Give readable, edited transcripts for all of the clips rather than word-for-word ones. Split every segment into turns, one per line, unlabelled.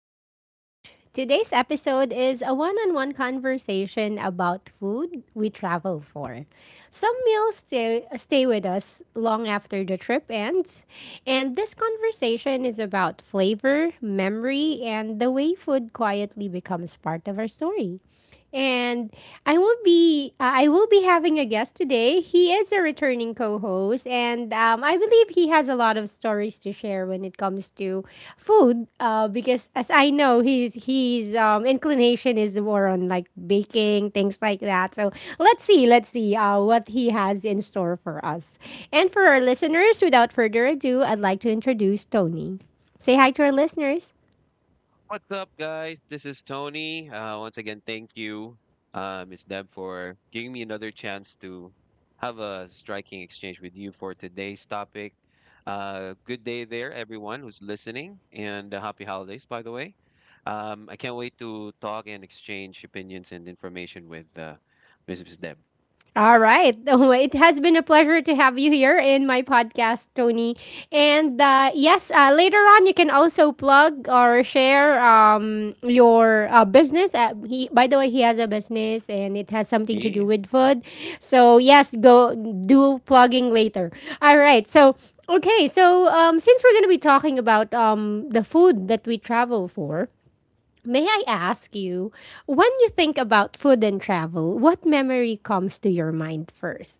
to Echo Lounge. Today's episode is a one on one conversation about food we travel for. Some meals stay with us long after the trip ends, and this conversation is about flavor, memory, and the way food quietly becomes part of our story. And I will be having a guest today. He is a returning co-host, and I believe he has a lot of stories to share when it comes to food. Because as I know, his inclination is more on like baking things like that. So let's see what he has in store for us and for our listeners. Without further ado, I'd like to introduce Tony. Say hi to our listeners.
What's up, guys? This is Tony. Once again, thank you, Ms. Deb, for giving me another chance to have a striking exchange with you for today's topic. Good day there, everyone who's listening, and happy holidays, by the way. I can't wait to talk and exchange opinions and information with Mrs. Deb.
All right. Oh, it has been a pleasure to have you here in my podcast, Tony. And yes, later on, you can also plug or share your business. By the way, he has a business and it has something to do
Yeah,
with food. So, yes, go do plugging later. All right. So, okay. So, since we're going to be talking about the food that we travel for, may I ask you, when you think about food and travel, what memory comes to your mind first?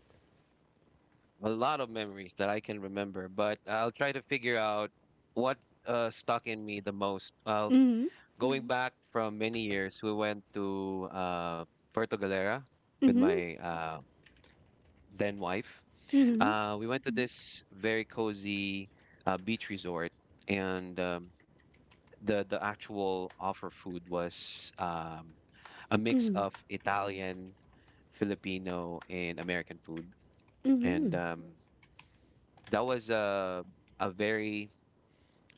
a lot of memories that I can remember, but I'll try to figure out what stuck in me the most. Well,
Mm-hmm.
going back from many years, we went to Puerto Galera with
Mm-hmm.
my then wife.
Mm-hmm.
We went to this very cozy beach resort, and the actual offer food was a mix
Mm-hmm.
of Italian, Filipino, and American food,
Mm-hmm.
and that was a very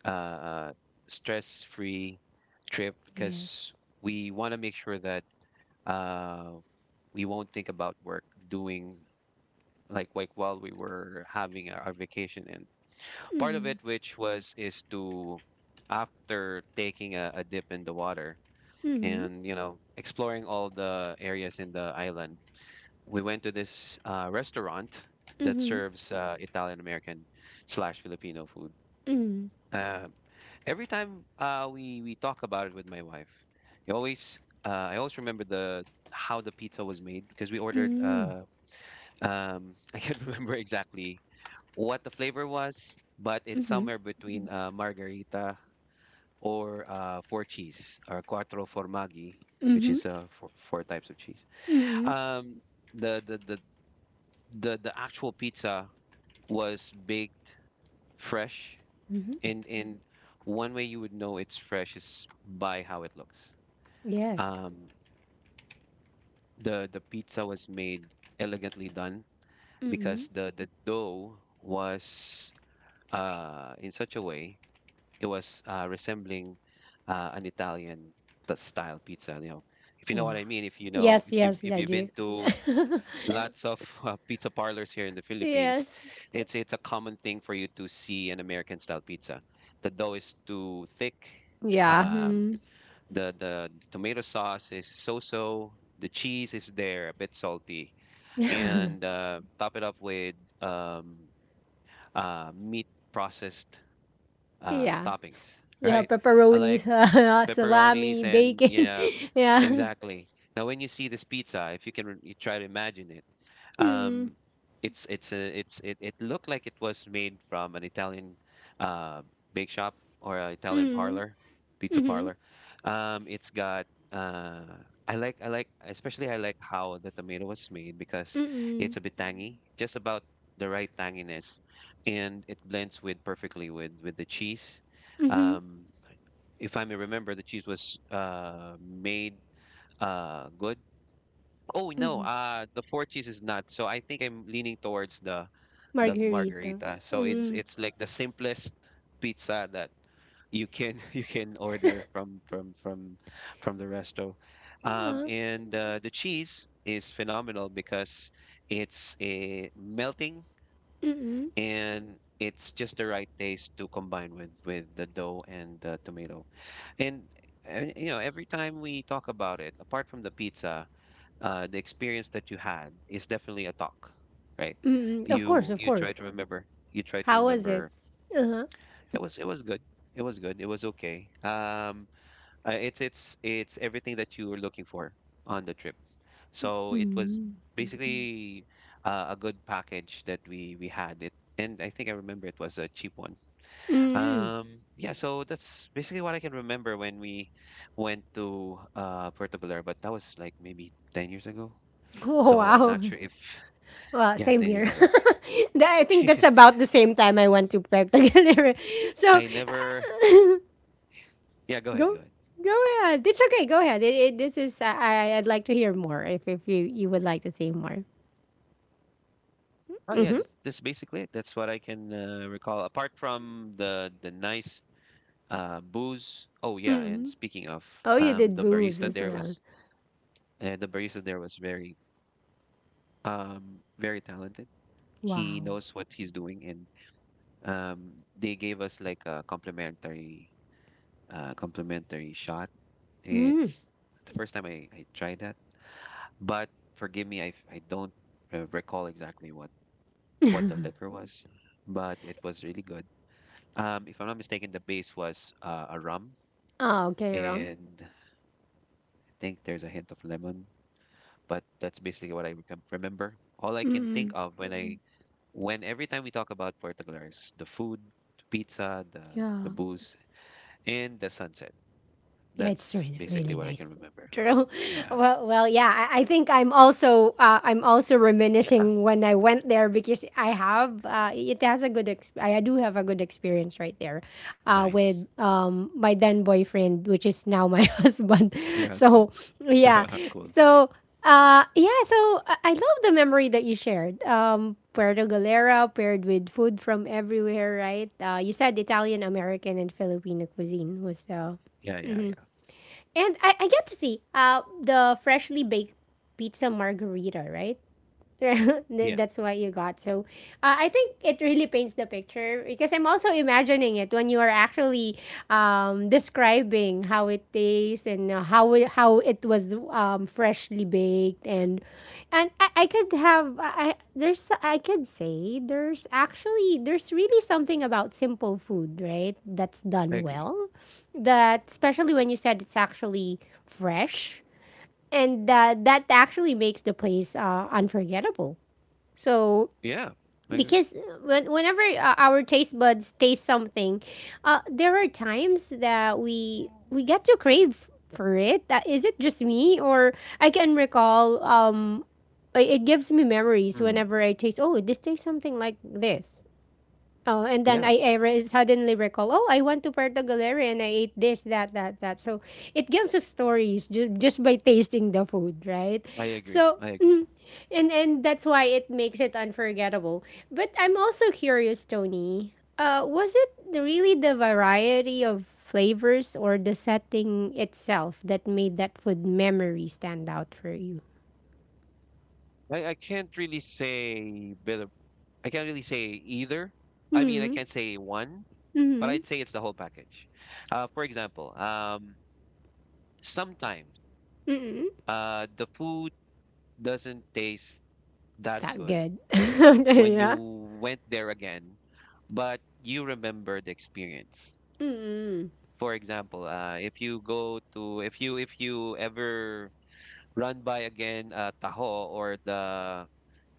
uh, stress free trip
Yes.
because we want to make sure that uh, we won't think about work doing like while we were having our vacation, and part of
Mm-hmm.
it which was is to, after taking a dip in the water
Mm-hmm.
and you know exploring all the areas in the island, we went to this restaurant that
Mm-hmm.
serves Italian American slash Filipino food. uh, every time we talk about it with my wife, I always I always remember the how the pizza was made because we
Mm-hmm.
ordered
Mm-hmm.
I can't remember exactly what the flavor was, but it's somewhere between margarita or four cheese or quattro formaggi,
Mm-hmm.
which
Mm-hmm.
is four types of cheese.
Mm-hmm.
Um, the, the the the actual pizza was baked fresh,
Mm-hmm.
and one way you would know it's fresh is by how it looks.
Yes.
Um, the pizza was made elegantly done
Mm-hmm.
because the dough was in such a way it was resembling an Italian style pizza. You know, if you know
Wow.
what I mean. If you know,
Yes,
if you
yes,
if
I
you've been
do.
to lots of pizza parlors here in the Philippines,
Yes.
it's a common thing for you to see an American style pizza. The dough is too thick.
Yeah.
Um,
Mm-hmm.
the tomato sauce is so-so. The cheese is there, a bit salty, and top it up with um, meat processed
Yeah.
toppings,
Yeah,
right? I like
pepperonis, salami,
pepperonis and
bacon.
yeah,
Yeah.
exactly. Now, when you see this pizza, if you can you try to imagine it, um, it's it looked like it was made from an Italian uh, bake shop or an Italian
Mm.
parlor, pizza
Mhm.
parlor. It's got uh, I like especially I like how the tomato was made because
Mm.
it's a bit tangy, just about the right tanginess, and it blends with perfectly with the cheese.
Mhm.
Um, if I may remember, the cheese was made good. Oh no,
Mhm.
the four cheese is not. So I think I'm leaning towards the
Margarita.
margarita. So it's
Mm.
it's like the simplest pizza that you can you can order from the resto.
Uh-huh.
And The cheese is phenomenal because it's a melting
Mm.
and it's just the right taste to combine with the dough and the tomato. And, and you know, every time we talk about it, apart from the pizza, the experience that you had is definitely a talk, right?
Mm. Of course, of
You try
course.
to remember. You try to
How was it?
remember.
Uh-huh.
It was good. It was good. It was okay. It's everything that you were looking for on the trip. So it was Mhm.
Mm.
basically a good package that we had. It And I think I remember it was a cheap one.
Mm.
Yeah. So that's basically what I can remember when we went to Puerto Vallarta, but that was like maybe 10 years ago.
Oh,
So I'm
wow.
not sure if
Well,
yeah,
same
10 years
here.
ago.
I think that's about the same time I went to Puerto Galera. So,
I never,
uh,
yeah,
go
go ahead.
go ahead. It's okay. Go ahead. This is I'd like to hear more if you would like to say more.
Oh yeah,
Mhm.
that's basically it. That's what I can recall. Apart from the nice booze. Oh yeah, and
Mm.
speaking of,
Oh, you did
the
booze
barista
as
there
well.
was the barista there was very very talented. He
Wow.
knows what he's doing, and um, they gave us like a complimentary shot.
Mm.
It's the first time I tried that, but forgive me, I don't recall exactly what the liquor was, but it was really good. If I'm not mistaken, the base was a rum,
Ah, okay, Ram.
and I think there's a hint of lemon. But that's basically what I remember. All I can think
Mm.
of when I when every time we talk about Portugal is the food, the pizza,
Yeah.
the booze, and the sunset.
Yeah, it's
That's
really
basically
really
what I can
nice.
remember.
True.
Yeah.
Well, yeah. I think I'm also
Yeah.
reminiscing when I went there because I have it has a good I do have a good experience right there with
Nice.
my then boyfriend, which is now my husband.
Your
So
husband.
yeah.
Cool.
So yeah. So I love the memory that you shared. Puerto Galera paired with food from everywhere, right? You said Italian American and Filipino cuisine was
Yeah, yeah, yeah.
and I get to see the freshly baked pizza margarita, right?
Yeah,
That's what you got. So I think it really paints the picture because I'm also imagining it when you are actually describing how it tastes and how it was freshly baked, and I could have I- there's I could say there's really something about simple food, right, that's
I
done
agree.
well, that especially when you said it's actually fresh, and that actually makes the place unforgettable. So
Yeah, I agree.
because whenever our taste buds taste something, there are times that we get to crave for it. That is it just me, or I can recall it gives me memories
Mhm.
whenever I taste, oh this tastes something like this. Oh, and then
Yeah,
I suddenly recall, oh, I went to Puerto Galera and I ate this, that, that, that. So it gives us stories just by tasting the food, right?
I agree.
So,
I agree.
mm, and that's why it makes it unforgettable. But I'm also curious, Tony. Was it really the variety of flavors or the setting itself that made that food memory stand out for you?
I can't really say bit of I can't really say either. I mean, I
Hmm.
can't say one, but
Hmm.
I'd say it's the whole package. For example, sometimes
Hmm.
the food doesn't taste that
That
good
good. Okay.
when you
Yeah.
went there again, but you remember the experience.
Hmm.
For example, if you go to if you ever run by again taho or the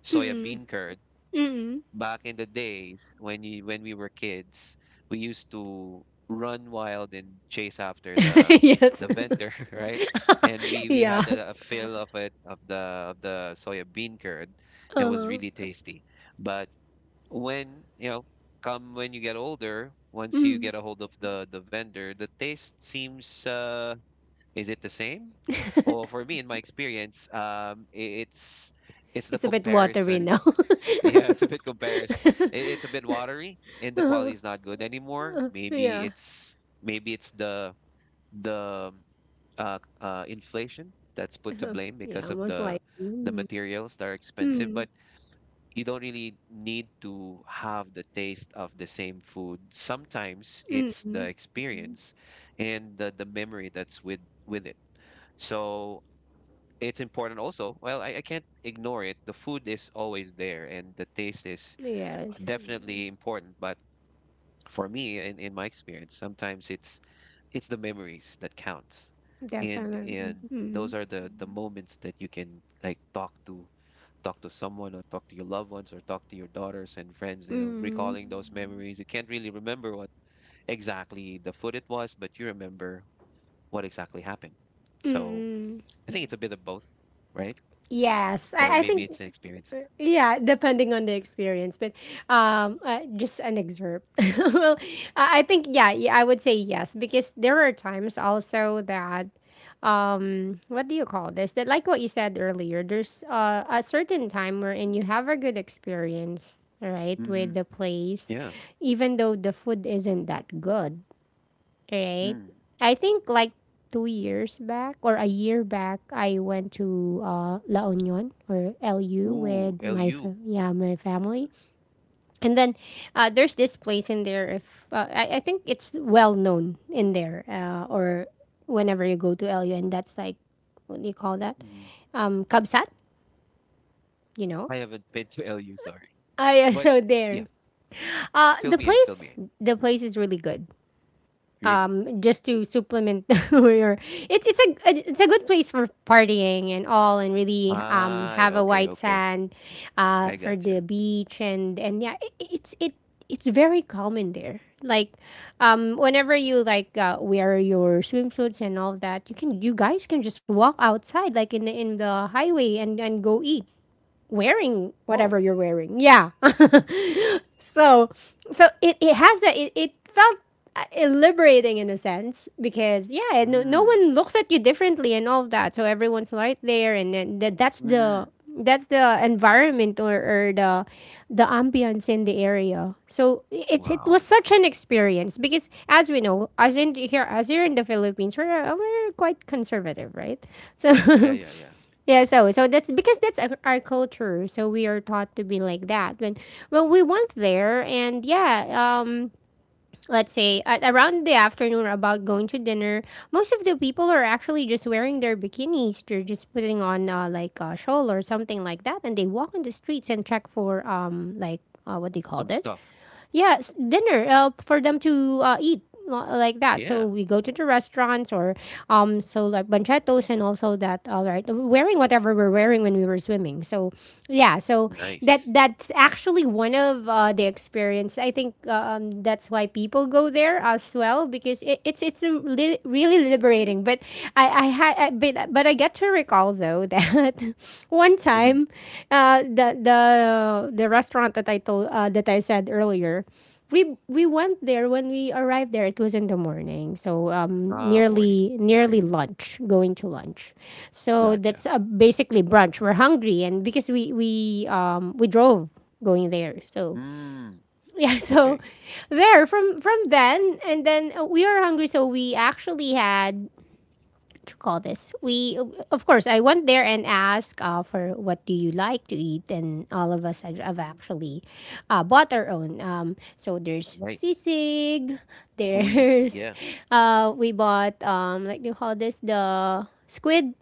soya bean curd,
Mm.
back in the days when you when we were kids, we used to run wild and chase after
Yes.
the vendor, right? And we
Yeah.
had a fill of it of the soya bean curd. It was
Uh-huh.
really tasty. But when you know, come when you get older, once you
Mm.
get a hold of the vendor, the taste seems is it the same? Or for me, in my experience, it's the
It's a bit watery
comparison
now.
yeah, It's a bit watery, and
uh,
the
uh,
quality is not good anymore.
yeah.
Maybe it's the inflation that's put to
Uh,
blame
yeah,
because of
almost like.
the
Mm.
materials that are expensive.
Mm.
But you don't really need to have the taste of the same food. Sometimes it's the
Mm.
Mm. experience and the memory that's with it. So it's important also. Well, I can't ignore it. The food is always there, and the taste is
Yes,
definitely important, but for me, in my experience, sometimes it's the memories that counts. And
definitely.
and those
Mm.
are the moments that you can like talk to someone or talk to your loved ones or talk to your daughters and friends, you know,
Mm.
recalling those memories. You can't really remember what exactly the food it was, but you remember what exactly happened. So
Mm.
I think it's a bit of both, right?
Yes,
Or
I
maybe
think.
it's an experience.
Yeah, depending on the experience, but just an excerpt. Well, I think yeah, yeah, I would say yes, because there are times also that, what do you call this? That, like what you said earlier, there's a certain time wherein you have a good experience, right,
Hmm
with the place,
Yeah.
even though the food isn't that good. Right.
Mm.
I think like 2 years back, or a year back, I went to La Union or LU
Ooh,
with my
LU.
fa- yeah my family, and then there's this place in there. If I think it's well known in there, or whenever you go to LU, and that's like, what do you call that? Kabsat, you know.
I haven't been to LU, sorry.
Ah, yeah,
But
so
yeah,
there. Uh, the
fill
place,
me in.
the place is really good.
Really?
Just to supplement your it's a good place for partying and all, and really
Ah,
have a
okay,
white
okay.
sand
I
for
gotcha.
the beach, and yeah, it's very calm in there, like whenever you like wear your swimsuits and all that, you can, you guys can just walk outside like in the highway and go eat wearing
Oh,
whatever you're wearing, yeah. so so it has that, it felt liberating in a sense, because yeah, no
mm,
one looks at you differently and all that, so everyone's right there, and then that, that's
mm-hmm.
the that's the environment, or the ambience in the area, so it was
Wow.
such an experience, because as we know, as in here, as here in the Philippines, we're quite conservative, right?
Yeah,
So
yeah, yeah.
yeah. So that's because that's our culture. So we are taught to be like that. We went there, and yeah, let's say at around the afternoon, about going to dinner, most of the people are actually just wearing their bikinis. They're just putting on like a shawl or something like that, and they walk in the streets and check for like what do you call
Some
this?
stuff.
Yes, dinner for them to eat like that.
Yeah,
So we go to the restaurants, or so like banchetos and also that, all right, wearing whatever we're wearing when we were swimming, so yeah, so
nice.
that that's actually one of the experience, I think, that's why people go there as well, because it, it's a li- really liberating. But I had, but I get to recall, though, that one
Mhm.
time, the restaurant that I told that I said earlier, we went there when we arrived there. It was in the morning, so
Ah, boarding.
nearly lunch, going to lunch. So that's
Gotcha.
basically brunch. We're hungry, and because we drove going there, so
Mm,
yeah, so
okay,
there, from then, and then we are hungry, so we actually had to call this, we of course I went there and asked for, what do you like to eat, and all of us have actually bought our own, so there's
nice.
sisig,
Uy,
there's
yeah.
we bought, like they call this, the squid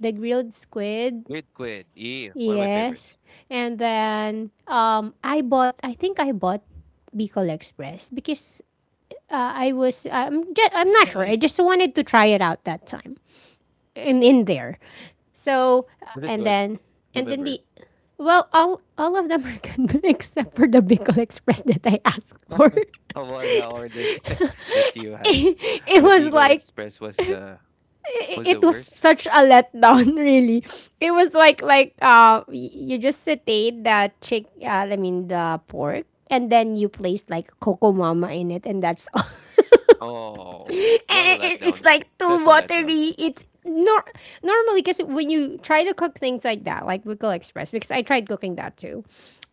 the grilled squid,
Quid. Yeah, one of my
yes.
favorites.
And then I think I bought Bicol Express, because I'm not sure, I
Nice.
just wanted to try it out that time in there. So
Was it good?
and then
Remember,
the well all of them are good except for the Bicol Express that I asked for.
of all the orders that you had,
it, it
the
was
Beagle
like
Express
it,
was
it
the
was
worst.
such a letdown really. It was like you just saute the chick I mean the pork, and then you place like coco mama in it, and that's all.
Oh, what a
And it's
letdown.
like too
That's a letdown.
watery. It's normally, because when you try to cook things like that, like Wickle Express, because I tried cooking that too,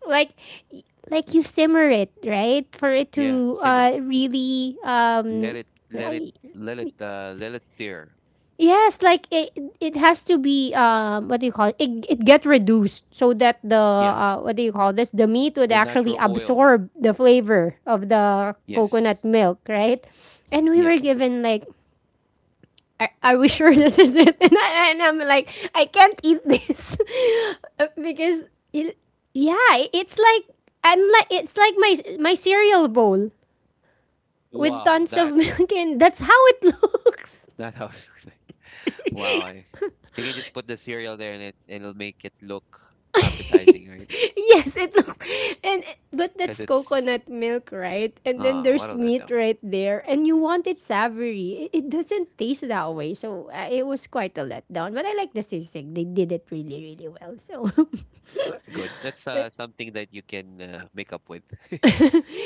like y- you simmer it right for it
Yeah,
to
simmer.
really
Let
um.
it, let it,
I-
let it steer.
yes, like it has to be, what do you call it? It get reduced so that the
Yeah,
what do you call this, the meat would
the
actually
natural oil.
absorb the flavor of the
Yes,
coconut milk, right? And we
yes.
were given like, are we sure this is it? And I'm like, I can't eat this because it, yeah, it's like I'm like it's like my cereal bowl with
Wow,
tons of milk, and that's how it looks.
that house looks like. Wow, I, you can just put the cereal there and it'll make it look appetizing, right?
Yes, it looks, and but
Because
that's
it's
coconut milk, right? And then
ah, what a
there's meat
letdown.
right there, and you want it savory. It doesn't taste that way. So it was quite a letdown, but I like the sisig. They did it really really well. So
Well, that's good. That's something that you can make up with.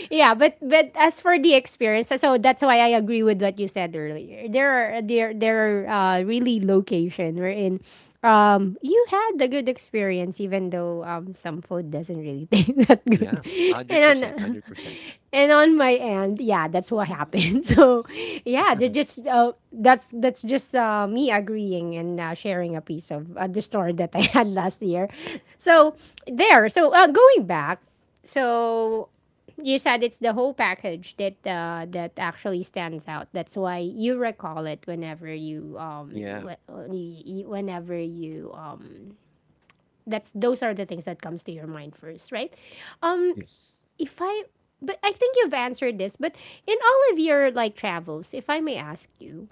yeah, but as for the experience, so that's why I agree with what you said earlier. There are really location wherein you had the good experience even though some food doesn't really taste that good.
Yeah,
And
hundred
on,
percent, 100%.
and on my end, yeah, that's what happened. So yeah, they're just that's just me agreeing and sharing a piece of the story that I had
Nice.
last year. So there. So going back, so you said it's the whole package that that actually stands out. That's why you recall it whenever you
Yeah.
whenever you that's those are the things that comes to your mind first, right? Um,
Yes.
if I But I think you've answered this. But in all of your like travels, if I may ask you,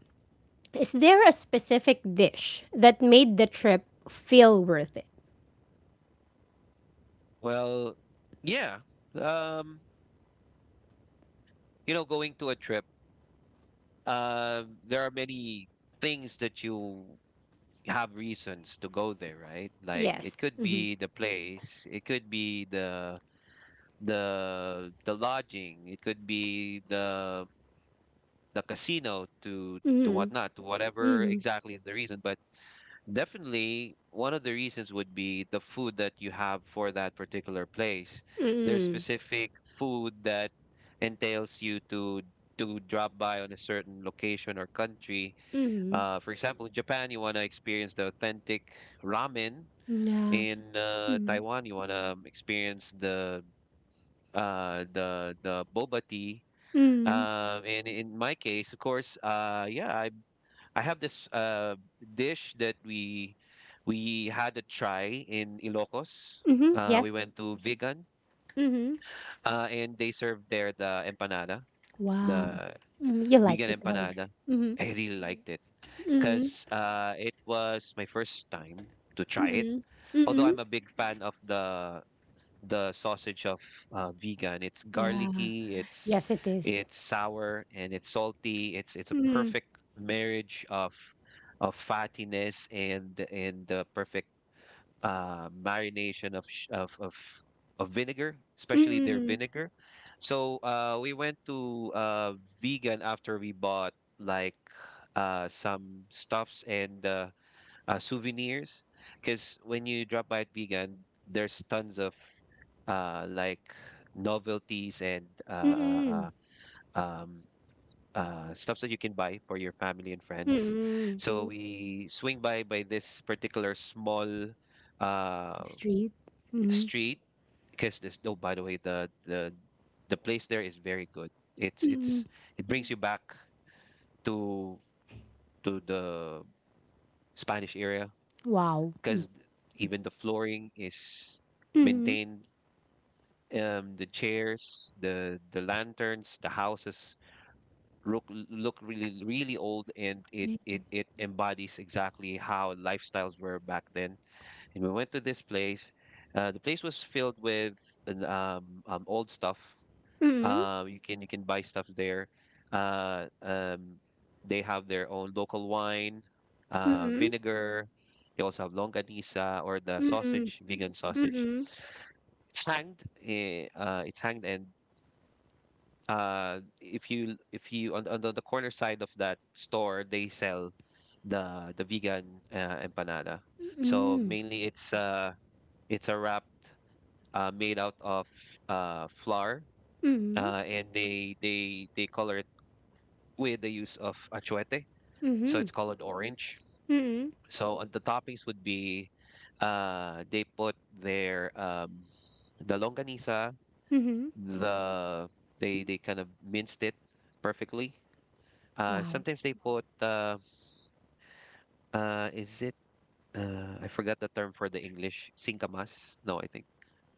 is there a specific dish that made the trip feel worth it?
Well, yeah. Um, you know, going to a trip, there are many things that you have reasons to go there, right? Like
Yes.
it could
Hmm.
be the place, it could be the lodging, it could be the casino to
Hmm.
whatnot, to whatever
Hmm.
exactly is the reason. But definitely, one of the reasons would be the food that you have for that particular place. There's
Hmm.
specific food that entails you to drop by on a certain location or country.
Hmm.
For example, in Japan, you want to experience the authentic ramen.
Yeah.
In Taiwan, you want to experience the boba tea.
Hmm.
And in my case, of course, I have this dish that we had a try in Ilocos.
Mhm,
We
yes.
went to Vegan,
Mhm.
and they served there the empanada,
Wow.
the
Mm, you like
vegan
it, how is
empanada.
Mhm,
I really liked it
mhm,
because it was my first time to try it.
mhm,
Although
mhm.
I'm a big fan of the sausage of vegan. It's
Yeah.
garlicky,
Yes, it is.
it's sour and it's salty. It's a
Mhm,
perfect marriage of fattiness and the perfect marination of sh- of vinegar, especially their
mhm,
vinegar. So we went to vegan after we bought like some stuffs and souvenirs because when you drop by at vegan, there's tons of like novelties and
mhm,
uh, um, stuff that you can buy for your family and friends.
mhm.
So we swing by this particular small uh,
Street. Mhm,
street because there's no. By the way, the place there is very good. It's
mhm.
it's it brings you back to to the Spanish area
Wow. Mm.
because even the flooring is
Mhm.
maintained, the chairs, the lanterns, the houses look really, really old, and it
Yeah.
it it embodies exactly how lifestyles were back then. And we went to this place. The place was filled with old stuff.
Mhm,
You can buy stuff there. uh um they have their own local wine,
mhm,
vinegar. They also have longanisa, or the
mhm,
sausage, vegan sausage.
mhm,
It's hanged, and if you on, on the corner side of that store they sell the vegan, empanada. So
mhm,
mainly it's a wrap, made out of flour,
mhm,
and they color it with the use of achuete, so
mhm,
it's colored orange.
mhm,
So the toppings would be, they put the longanisa,
mhm.
the they kind of minced it perfectly.
Wow.
Sometimes they put, is it I forgot the term for the English singkamas? No, I think,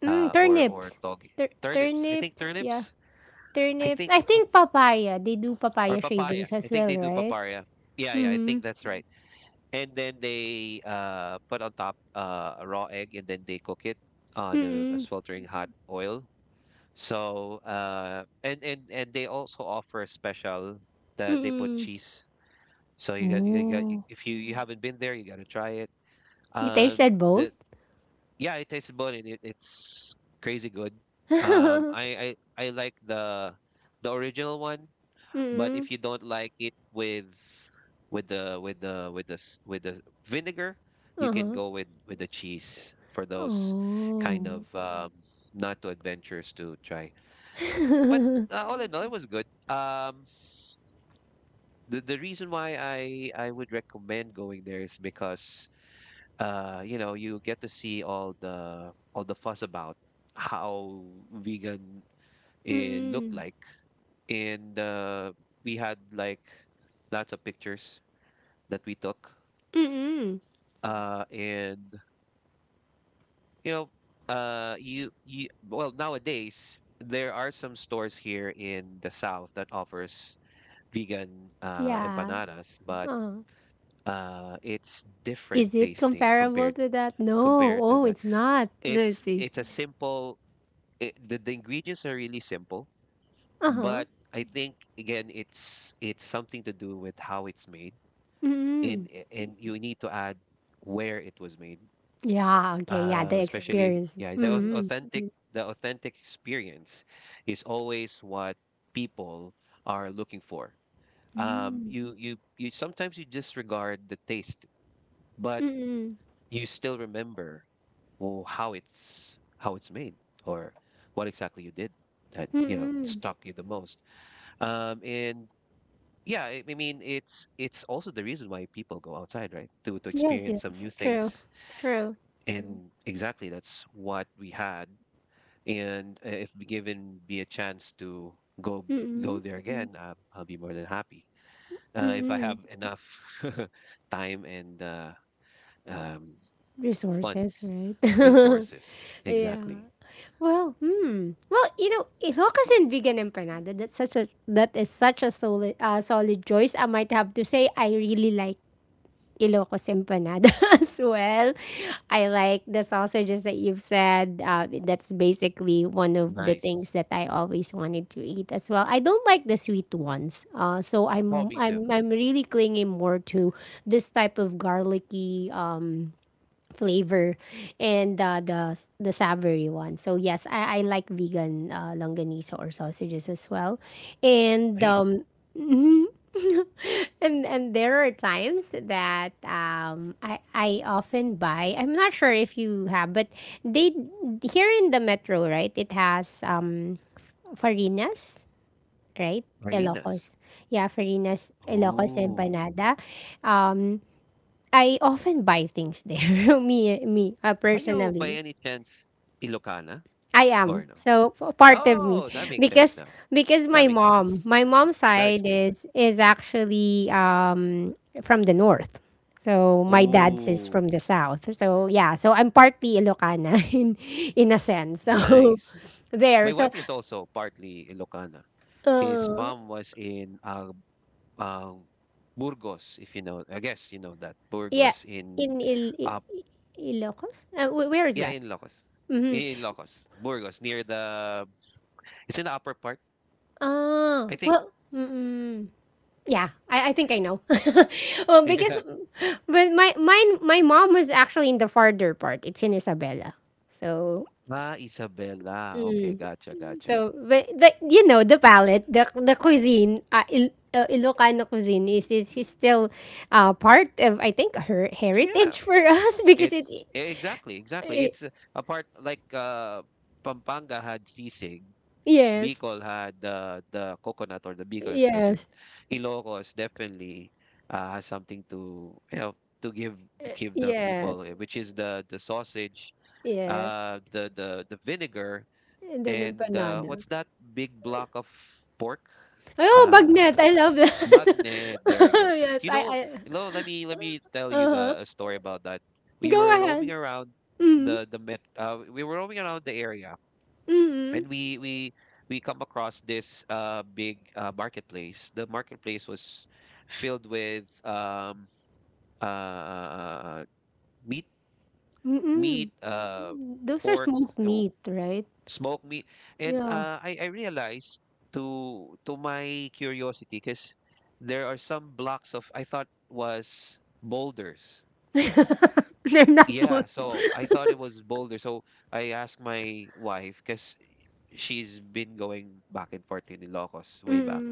Mm,
or
turnips.
togi,
Tur
turnips. I think
turnips, yeah.
turnips. I
Turnips,
think
I
it-
think papaya, they do
or
papaya
papaya.
shavings
I
as
think
well,
they do
right?
papaya. Yeah, yeah, I
Mhm.
think that's right. And then they, put on top, a raw egg, and then they cook it on a
Mm.
sweltering hot oil. So and they also offer a special that they put
Mm.
cheese. So
Oh.
if you haven't been there, you got to try it.
You
Um,
tasted both?
the, yeah, it tasted good, and it's crazy good. I like the original one, but
Mm.
if you don't like it with the with the with the s- with the vinegar, you can
Uh-huh.
go with the cheese for those kind
Oh.
of not too adventurous to try. But, all in all, it was good. The reason why I would recommend going there is because, you get to see all the fuss about how vegan it looked
Mm.
like, and we had like lots of pictures that we took,
Mm.
uh, and you know, you you well, nowadays there are some stores here in the south that offers vegan,
Yeah.
empanadas, but
Uh-huh.
it's different
Is it
tasting
comparable
compared
to that? No.
compared to
Oh,
that.
it's not. Let's see.
It's a simple it, the ingredients are really simple,
Uh-huh.
but I think again it's something to do with how it's made,
Mm.
and you need to add where it was made.
Yeah, okay, yeah, the
Especially,
experience.
yeah, the au-
Mm.
authentic the authentic experience is always what people are looking for.
Mm.
You you you Sometimes you disregard the taste, but
Mm.
you still remember, well, how it's made, or what exactly you did that,
Mm.
stuck you the most. And Yeah, I mean, it's also the reason why people go outside, right? To
Yes,
experience some
yes.
new
True.
things.
True.
And exactly that's what we had. And if be given be a chance to go go
Mm-mm.
there. Mm-hmm. Again, I'll be more than happy. If I have
Mm-mm.
enough time and, um,
Resources,
funds,
right?
resources. Exactly.
yeah. Well, hmm. Well, you know, Ilocos and vegan empanada. That's such a that is such a solid solid choice. I might have to say I really like Ilocos empanada as well. I like the sausages that you've said. That's basically one of the
Nice.
things that I always wanted to eat as well. I don't like the sweet ones, so I'm really clinging more to this type of garlicky flavor and the savory one. So yes, I like vegan longanisa or sausages as well, and
Nice.
and there are times that I often buy. I'm not sure if you have, but they here in the metro, right? It has Farinas, right?
Marinas.
Ilocos. Yeah, Farinas, Ilocos
Oh. Oh.
empanada. Um, I often buy things there. me me
Are you by
personally.
any chance Ilocana?
I am.
Or no?
So p- part of me
Oh, that makes sense
because
now.
because my
That makes sense.
mom, my mom's
That
side
explains it.
is actually from the north. So my dad's is
Ooh,
from the south. So yeah, so I'm partly Ilocana in a sense. So
nice.
there.
My
So
wife is also partly Ilocana. His mom was in, uh, Burgos, if you know. I guess you know that
yeah,
Burgos in,
in Il,
uh,
Ilocos. Wh- where is
yeah,
that?
in Locos,
Mhm.
Burgos near the. It's in the upper part,
Ah,
I think.
well, mm-mm. Yeah, I think I know. well, because
Yeah.
but my mine my mom was actually in the farther part. It's in Isabela. So
Ah, Isabela. Okay,
mm,
gotcha, gotcha.
so but you know the palate, the cuisine, Ilocano cuisine is still part of I think her
Yeah,
heritage for us because it,
it's yeah, exactly, exactly.
it
It's a part, like, Pampanga had sisig.
yes
Bicol had the coconut, or the Bicol Express. In
yes
Ilocos definitely, has something to, to give the people,
yes
eh, which is the sausage,
yes
the vinegar,
and then
and,
empanada.
what's that big block of pork?
Oh,
Uh,
bagnet! I love that.
Bagne. There you go.
yes,
You know, no, let me tell you
I.
the a story about that. We
Go
were
ahead.
roaming around
Mm.
the met. We were roaming around the area,
Mm.
and we come across this big, marketplace. The marketplace was filled with, uh meat, meat
Mm.
uh
Those are
pork,
smoked
uh,
meat, right?
smoked meat, and
Yeah.
I realized, to my curiosity, because there are some blocks of, I thought, was boulders.
They're not
Yeah,
smoked.
so I thought it was boulder. So I asked my wife because she's been going back and forth in Ilocos way back.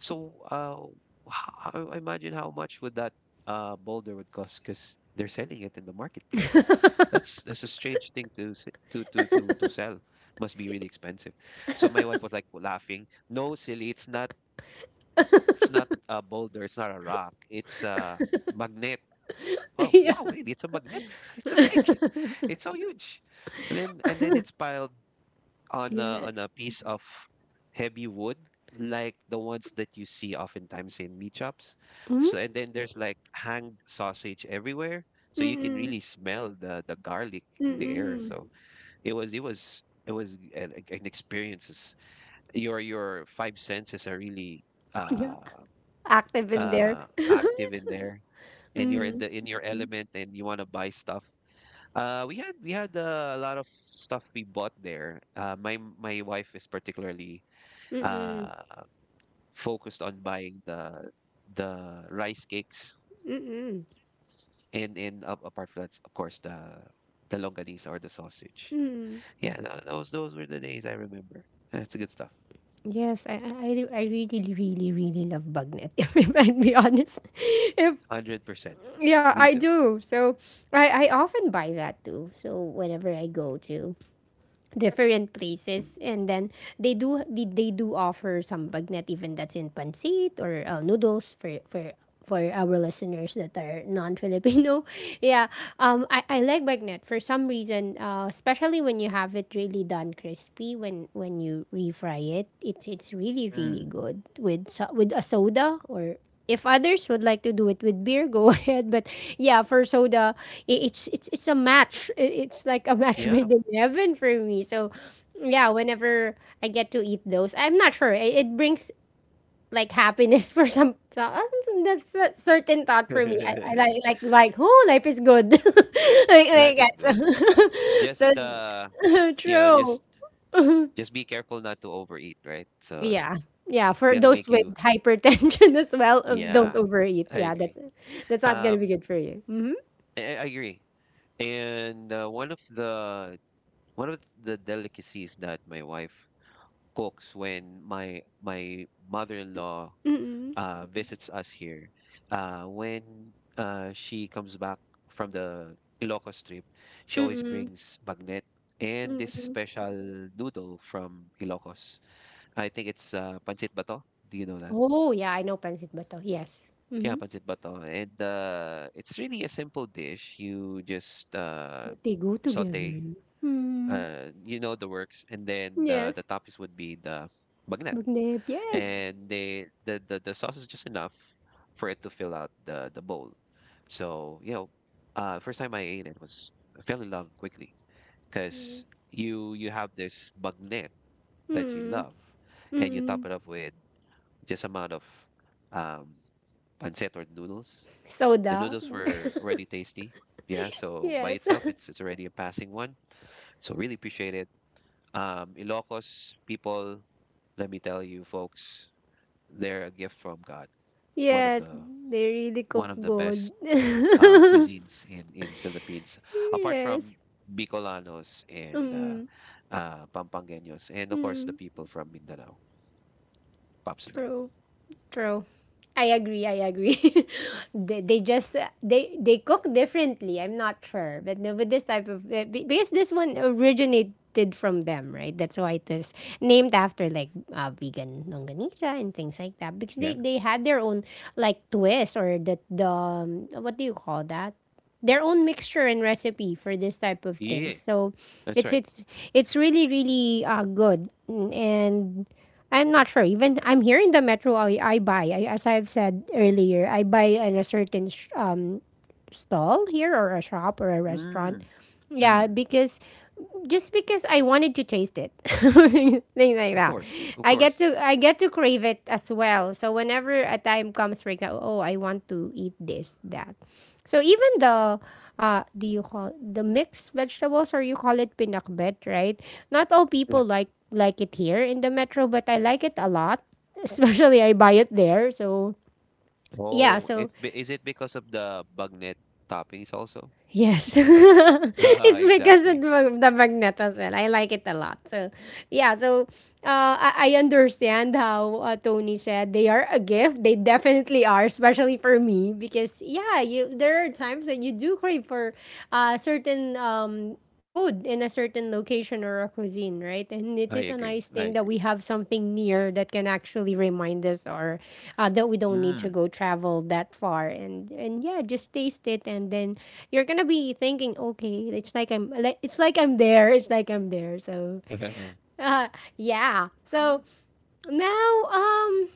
So I imagine how much would that, boulder would cost, because they're selling it in the marketplace. That's a strange thing to s- to sell. Must be really expensive. So my wife was like, laughing, no, silly, it's not. It's not a boulder. It's not a rock. It's a magnet. Oh,
Yeah.
wow, really? It's a magnet. It's a big. It's so huge. And then it's piled on a on
Yes.
a piece of heavy wood, like the ones that you see oftentimes in meat shops.
Mm.
So, and then there's, like, hanged sausage everywhere. So you can
Mm.
really smell the garlic in the air.
Mm.
So it was an experience. It's- Your five senses are really,
Yeah.
uh
Active in there.
active in there, and you're
Mm.
in your element, and you want to buy stuff. We had a lot of stuff we bought there. My wife is particularly,
Mm.
uh, focused on buying the rice cakes, and apart from that, of course, the longanisa, or the sausage. Yeah, those were the days I remember. That's good stuff.
Yes, I really, really, really love bagnet. If I'd be honest, if
100%.
yeah, I
Me too.
do. So I often buy that too. So whenever I go to different places and then they do offer some bagnet even that's in pancit or noodles for our listeners that are non-filipino yeah I like bagnet for some reason especially when you have it really done crispy when you refry it it's really really
Mm.
good with so- with a soda or if others would like to do it with beer, go ahead. But yeah, for soda, I- it's a match. I- It's like a match
Yeah.
made in heaven for me. So yeah, whenever I get to eat those, I'm not sure. It brings like happiness for some. That's a certain thought for me. I, like oh, life is good.
Life
Like
is good.
that.
Just,
so, so
you know, just
true.
just be careful not to overeat, right? So
Yeah.
it's
Yeah, for
gonna
those
make
with
you.
hypertension as well,
Yeah,
don't overeat.
I
Yeah, that's
agree.
that's not gonna be
Um,
good for you. Mm-hmm.
I agree. And one of the delicacies that my wife cooks when my mother-in-law,
Mm-mm.
visits us here, when, she comes back from the Ilocos trip, she always
Mm-mm.
brings bagnet and this
Mm-mm.
special noodle from Ilocos. I think it's, pancit bato. Do you know that?
Oh, yeah, I know pancit bato. Yes.
Yeah,
Mm-hmm.
pancit bato, and, it's really a simple dish. You just,
But they go together.
saute,
Mm.
you know, the works, and then the
Yes.
toppings would be the bagnet,
Magnet. Yes.
and the sauce is just enough for it to fill out the bowl. So, first time I ate it was, I fell in love quickly, because you have this bagnet that you
Mm.
love, and you top
Mm-mm.
it up with just amount of, um, pancit or noodles. The
Soda.
noodles were already tasty. Yeah, so by
yes.
itself, it's already a passing one. So really appreciate it. Ilocos people, let me tell you, folks, they're a gift from God. One of
yes.
the
They really cook good.
best, cuisines in Philippines, apart
yes.
from Bicolanos and,
Mm.
Pampangueños, and of course the
Mm.
people from Mindanao, props to them.
True. True. I agree. I agree. They just they cook differently. I'm not sure, but no, with this type of because this one originated from them, right? That's why it is named after like vegan longanisa and things like that because
Yeah,
they had their own like twist or the what do you call that? Their own mixture and recipe for this type of thing.
yeah,
So
that's
it's
right.
it's it's really really good Mm, and I'm not sure. Even I'm here in the metro, I, as I've said earlier, I buy in a certain stall here or a shop or a restaurant.
Mm,
Yeah,
mm,
because just because I wanted to taste it, things like
of
that.
course, of course.
I get to crave it as well. So whenever a time comes, for example, oh, I want to eat this that. So even the do you call the mixed vegetables or you call it pinakbet, right? Not all
Yeah.
people like it here in the metro, but I like it a lot. Especially I buy it there. So yeah,
Oh,
so
is it because of the bagnet toppings also?
Yes.
Ah,
it's because of
exactly.
the magnet as well. I like it a lot. So, yeah. So, I understand how Tony said they are a gift. They definitely are, especially for me. Because, yeah, you there are times that you do crave for certain food in a certain location or a cuisine, right? And it
I
is a
agree.
nice
I
thing that
agree.
we have something near that can actually remind us or that we don't need to
Mm.
go travel that far. And yeah, just taste it, and then you're gonna be thinking, okay, it's like I'm like it's like I'm there, it's like I'm there. So uh, yeah. So now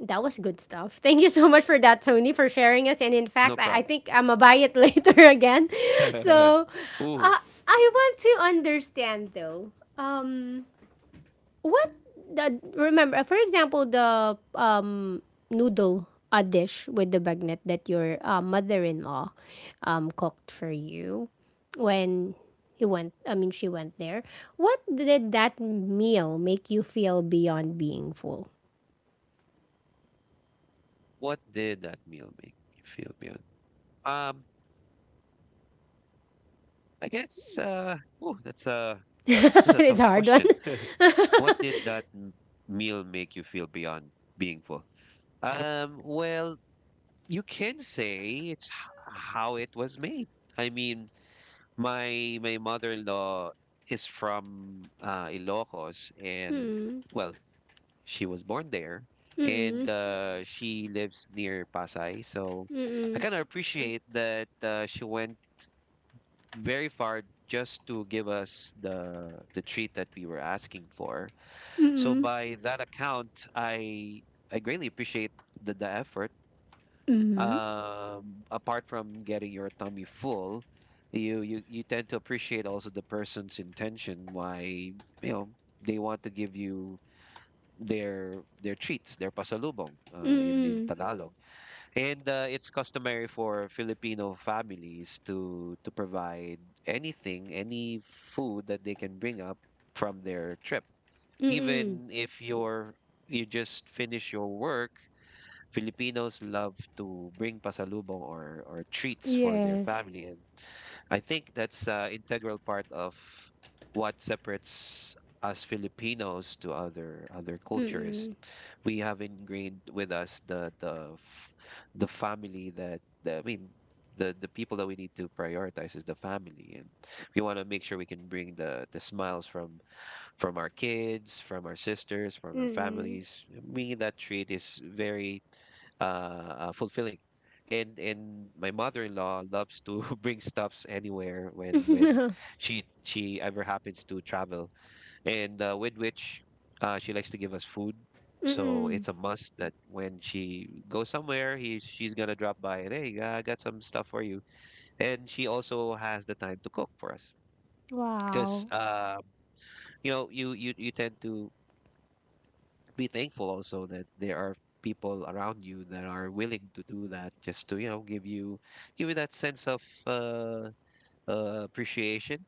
that was good stuff. Thank you so much for that, Tony, for sharing us. And in fact,
No
I
problem.
think I'm going to buy it later again. So uh,
Ooh,
I want to understand, though, um, what the, remember, for example, the noodle a dish with the bagnet that your mother-in-law cooked for you when he went I mean she went there, what did that meal make you feel beyond being full?
what did that meal make you feel good? Um, I guess, ooh, that's a
it's a
tough
hard one
question. What did that meal make you feel beyond being full? Well, you can say how it was made. I mean, my mother-in-law is from, Ilocos, and, well, she was born there, and,
Mm-mm.
she lives near Pasay. So I
Mm-mm.
kind of appreciate that, she went very far just to give us the treat that we were asking for. So
Mm-mm.
by that account, I greatly appreciate the effort.
Mm-hmm.
Apart from getting your tummy full, you tend to appreciate also the person's intention, why, you know they want to give you their treats, their pasalubong, in
Mm-mm.
Tagalog, and, it's customary for Filipino families to provide anything, any food that they can bring up from their trip,
Mm-mm.
even if you just finish your work. Filipinos love to bring pasalubong or treats for their
Yes.
family, and I think that's integral part of what separates us Filipinos to other cultures.
Mm-mm.
We have ingrained with us the family. That, that I mean, the people that we need to prioritize is the family, and we want to make sure we can bring the smiles from our kids, from our sisters, from our
Mm-mm.
families. Me, that trait is very fulfilling. And my mother-in-law loves to bring stuffs anywhere when when
Mm-mm.
she she ever happens to travel, and with which she likes to give us food. So
Mm-mm.
it's a must that when she goes somewhere, he she's gonna drop by and, hey, I got some stuff for you. And she also has the time to cook for us, because
Wow.
you tend to be thankful also that there are people around you that are willing to do that just to give you that sense of uh, appreciation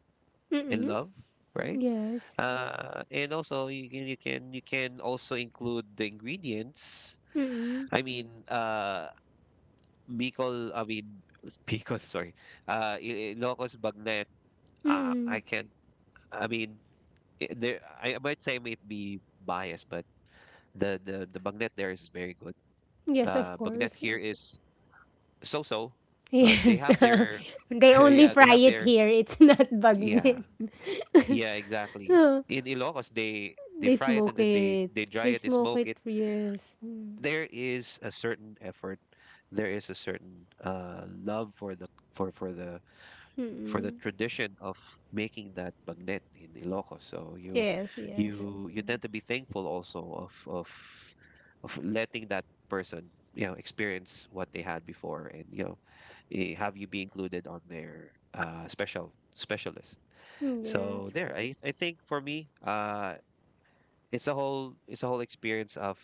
and
Mm-mm.
love, right?
Yes.
And also you can also include the ingredients.
Mm-mm.
I mean, Bicol. I mean, Bicol. Sorry, Ilocos Bagnet.
Mm-mm.
I can. I mean, there. I might be biased, but the Bagnet there is very good.
Yes, of
Bagnet
course.
here is so-so. They
Yes.
have their
they only
Yeah. They
fry
have
it
their
here. It's not
Yeah,
bagnet.
yeah, exactly. In Ilocos, they they
they
fry it, and
smoke
then they
it.
they
They
dry it, they
smoke
smoke
it.
it.
Yes.
There is a certain effort, there is a certain love for for for the the
Mm-mm.
tradition of making that bagnet in Ilocos. So you
Yes, yes.
you you tend to be thankful also of letting that person experience what they had before, and have you be included on their special specialist.
Mm,
So
Yes.
there, I think, for me, it's a whole experience of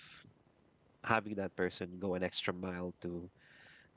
having that person go an extra mile to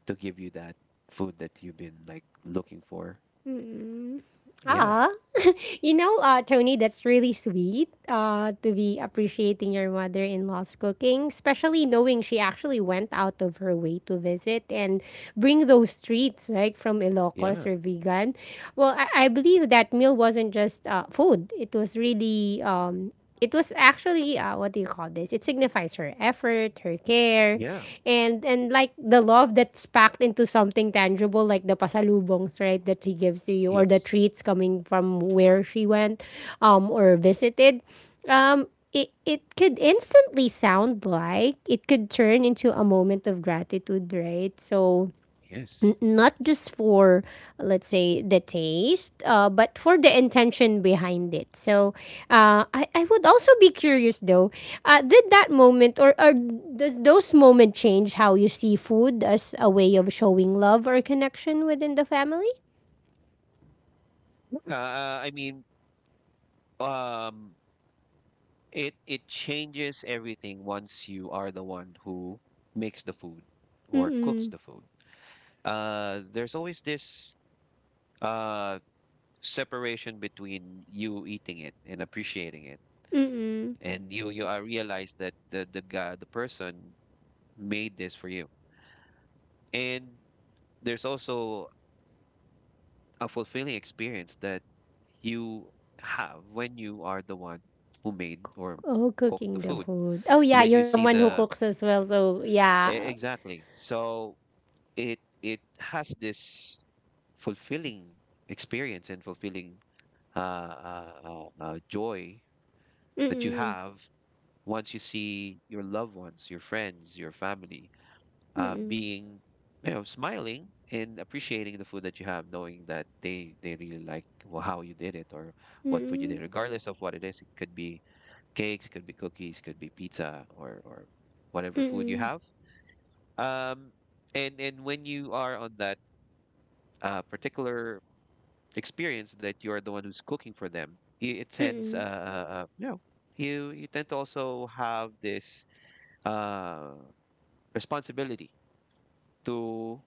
to give you that food that you've been like looking for.
Mm.
Yeah,
Ah, you know, Tony, that's really sweet to be appreciating your mother in law's cooking, especially knowing she actually went out of her way to visit and bring those treats, right, from Ilocos
yeah,
or vegan. Well, I believe that meal wasn't just food, it was really it was actually what do you call this? It signifies her effort, her care,
yeah,
and like the love that's packed into something tangible, like the pasalubongs, right, that she gives to you,
yeah.
or the treats coming from where she went, or visited. It could instantly sound like it could turn into a moment of gratitude, right? So
Yes.
not just for let's say the taste but for the intention behind it so I would also be curious though did that moment or does those moment change how you see food as a way of showing love or connection within the family
Uh, I mean, um, it changes everything once you are the one who makes the food or cooks
mm-mm
the food. There's always this uh separation between you eating it and appreciating it,
mm-mm
and you I realize that the person made this for you, and there's also a fulfilling experience that you have when you are the one who made or
oh
cooked the
cooking the
food.
food oh
And
yeah
then
you're
you see
someone who cooks as well so yeah
exactly. So it has this fulfilling experience and fulfilling joy that you
mm-mm
have once you see your loved ones, your friends, your family,
mm-mm
being smiling and appreciating the food that you have, knowing that they really like how you did it or what food you
mm-mm
did, regardless of what it is. It could be cakes, could be cookies, could be pizza, or whatever food you
mm-mm
have. um and when you are on that particular experience that you are the one who's cooking for them, it
mm-mm
tends you tend to also have this uh responsibility to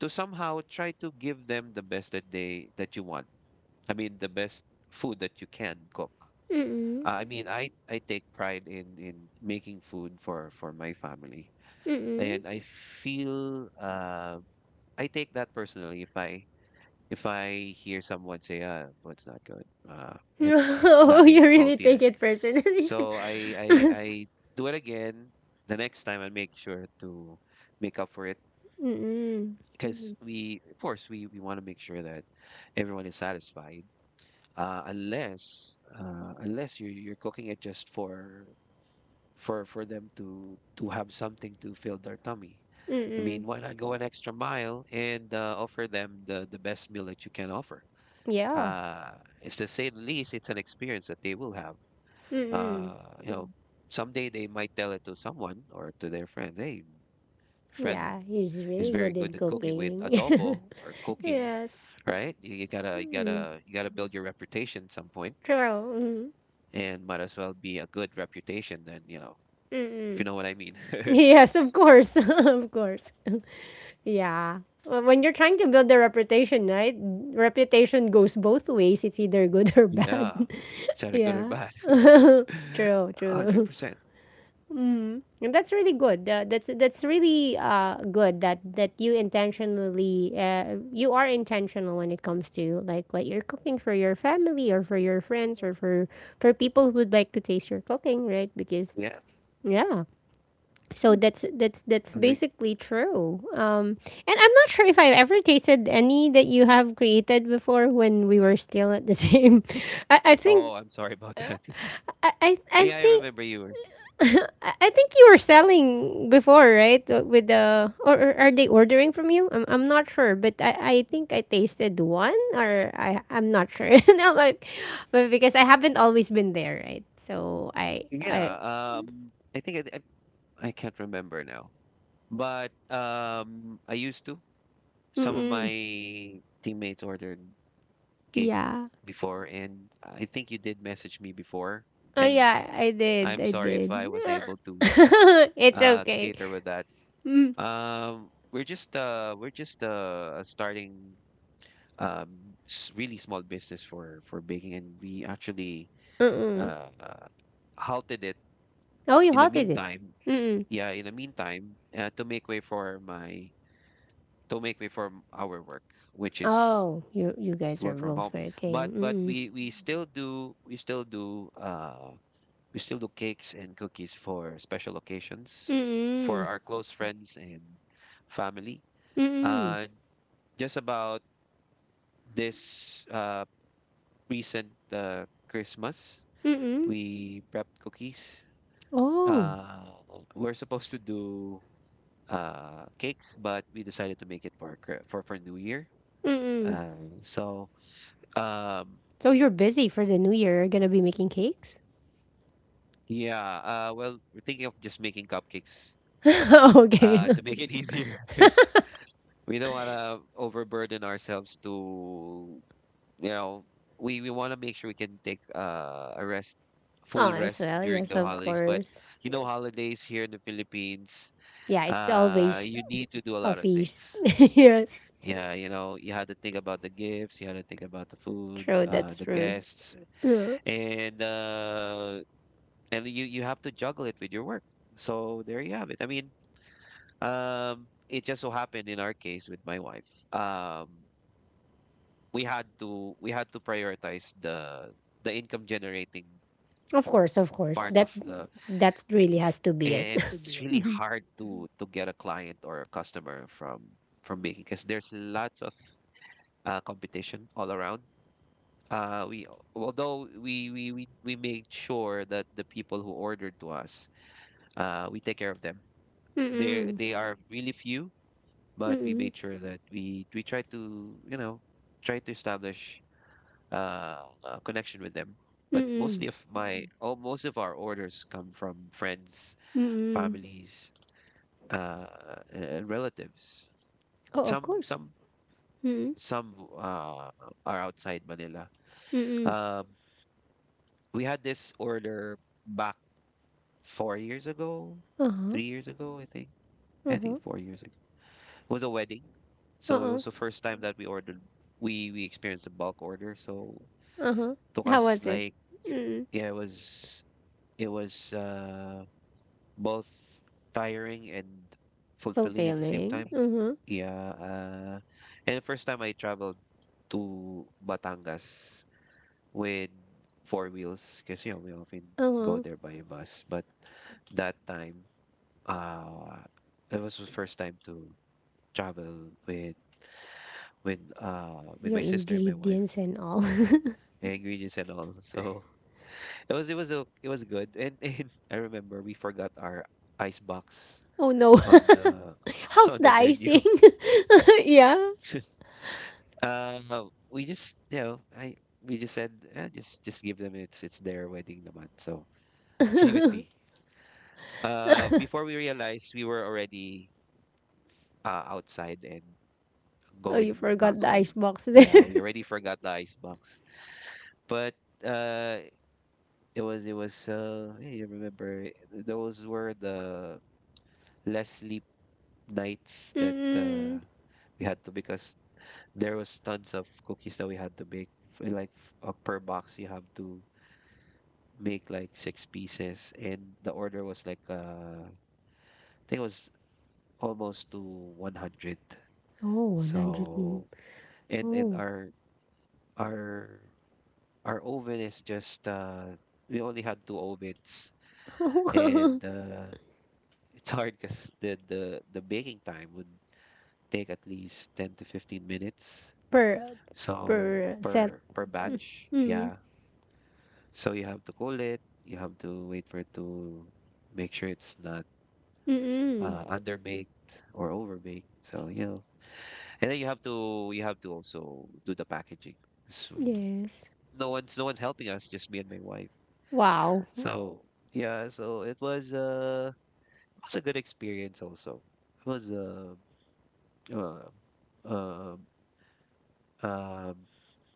somehow try to give them the best that they that you want. I mean, the best food that you can cook.
mm-mm
I mean, I take pride in making food for my family,
Mm-mm.
and feel uh, I take that personally. If I hear someone say, "Ah, food's not good. It's
Oh, you
lacking
really take
saltiness,"
it personally.
so I do it again the next time and make sure to make up for it,
Mm-mm.
because we of course we want to make sure that everyone is satisfied, unless you're cooking it just for them to have something to fill their tummy. I mean,
Mm-mm.
why not go an extra mile and offer them the best meal that you can offer.
Yeah.
uh it's, to say the least, it's an experience that they will have,
Mm-mm.
uh you know Mm. someday they might tell it to someone or to their friend, hey, friend
Yeah, he's
is
really
very
good
good
in
at cooking with
cooking.
adobo or cooking,
yes.
right? You gotta you
Mm-mm.
gotta you gotta build your reputation at some point,
True. Mm-mm.
and might as well be a good reputation than, if you
Mm-mm.
know what I mean.
Yes, of course. of course. yeah. Well, when you're trying to build a reputation, right? Reputation goes both ways. It's either good or
Yeah,
bad.
is that a good or
yeah.
bad?
True,
Hundred
true.
percent.
And that's really good. That's really good that you intentionally, you are intentional when it comes to like what you're cooking for your family or for your friends or for people who'd like to taste your cooking, right? Because
Yeah.
yeah. So that's
I mean,
basically true. And I'm not sure if I've ever tasted any that you have created before when we were still at the same. I, I
oh,
think
sorry about that.
I, I I
Yeah, I
think
remember yours.
I think you were selling before, right? With the or are they ordering from you? I'm not sure, but I think I tasted one or I I'm not sure. No, but because I haven't always been there, right? So
Yeah.
I
I think I can't remember now, but I used to. Some of my
Mm-mm.
teammates ordered cake
Yeah.
before, and I think you did message me before,
Oh
and
yeah, I did.
I'm
I
sorry if
did.
I wasn't able to
It's okay.
cater with that.
Mm,
We're just starting really small business for baking, and we actually
mm-mm.
uh uh, halted it
Oh, you
in the
halted it.
meantime.
Mm-mm.
Yeah, in the meantime, to make way for m- our work, which is
Oh, you
to
guys are
work from
both
home. But
working. Mm-mm.
we still do we still do we still do cakes and cookies for special occasions, for
Mm-mm.
our close friends and family.
Mm-mm.
Uh, just about this recent Christmas,
Mm-mm.
we prepped cookies.
Oh.
Uh, we're supposed to do cakes, but we decided to make it for Chri- for New Year.
Mm-mm.
Uh, so um,
So you're busy for the new year. You're gonna be making cakes?
yeah, uh, well, we're thinking of just making cupcakes,
Okay.
to make it easier because we don't want to overburden ourselves to, you know we want to make sure we can take a rest full
Oh, as
rest
well.
during
Yes,
the
of
holidays. But,
course.
holidays here in the Philippines,
Yeah, it's always
you need to do a
a
lot of things.
feast. Yes,
Yeah, you know, you had to think about the gifts, you had to think about the food,
true. That's
the
true.
guests,
Yeah.
and uh and you have to juggle it with your work. So there you have it. I mean, it just so happened in our case with my wife. We had to prioritize the income generating
Of course, of course.
part
That
of the,
that really has to be it.
and it's really hard to get a client or a customer from baking because there's lots of competition all around. We Although we made sure that the people who ordered to us, we take care of them. They
Mm-mm.
they are really few, but we
Mm-mm.
made sure that we try to establish a connection with them. But
Mm-mm.
most of our orders come from friends,
Mm-mm.
uh, relatives.
Oh, of
Some,
course. Mm-mm.
uh, are outside Manila.
Mm-mm.
We had this order back 4 years ago.
Uh-huh.
I think. I
Uh-huh.
think 4 years ago. It was a wedding, so it
Uh-uh.
was the first time that we ordered. We experienced a bulk order. So
Uh-huh.
it
How
was
was it? Mm-mm.
it was it was uh, both tiring and fulfilling at the same
Fulfilling.
time.
Uh-huh.
Yeah, and the first time I traveled to Batangas with four wheels, because, we often go
Uh-huh.
there by bus. But that time, uh, it was the first time to travel with
Your
my sister and my wife
ingredients and all.
and ingredients and all. So it was good. And, and I remember we forgot our ice box
Oh no.
on,
How's
on
the
the
icing?
menu.
Yeah.
We just said, eh, just give them, it's their wedding naman. So she, before we realized, we were already outside and
Oh, you
going back
forgot the
home.
ice box there.
Yeah, we already forgot the icebox. But, uh, it was hey, I remember those were the less sleep nights that uh,
Mm-mm.
we had to, because there was tons of cookies that we had to make. Like, per box you have to make like six pieces, and the order was like I think it was almost to 100.
Oh, 100. Mm.
So, and
Oh.
our Our oven is just, we only had two ovens, and it's hard because the baking time would take at least 10 to 15 minutes.
Per
So
per set.
per batch,
Mm.
yeah. So you have to cool it, you have to wait for it to make sure it's not
Mm-mm.
underbaked or overbaked. So, and then you have to also do the packaging. So
Yes.
no one's helping us, just me and my wife.
Wow.
So yeah, so it was a good experience also. It was uh, uh, um,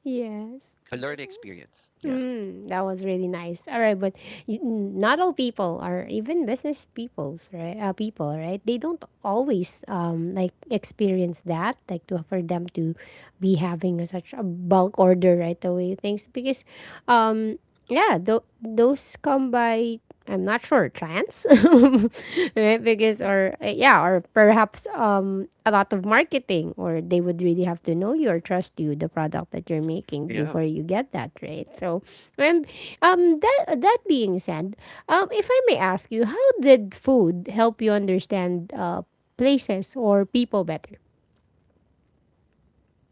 Yes.
a learning experience. Yeah,
Mm, that was really nice. All right, but you, n- not all people are even business peoples, right? People, right? They don't always like experience that, like to for them to be having a, such a bulk order right away things because, um yeah, tho- those come by I'm not sure chance, right? Because or yeah, or perhaps a lot of marketing, or they would really have to know you or trust you the product that you're making
yeah.
before you get that right. So, and that being said, if I may ask you, how did food help you understand places or people better?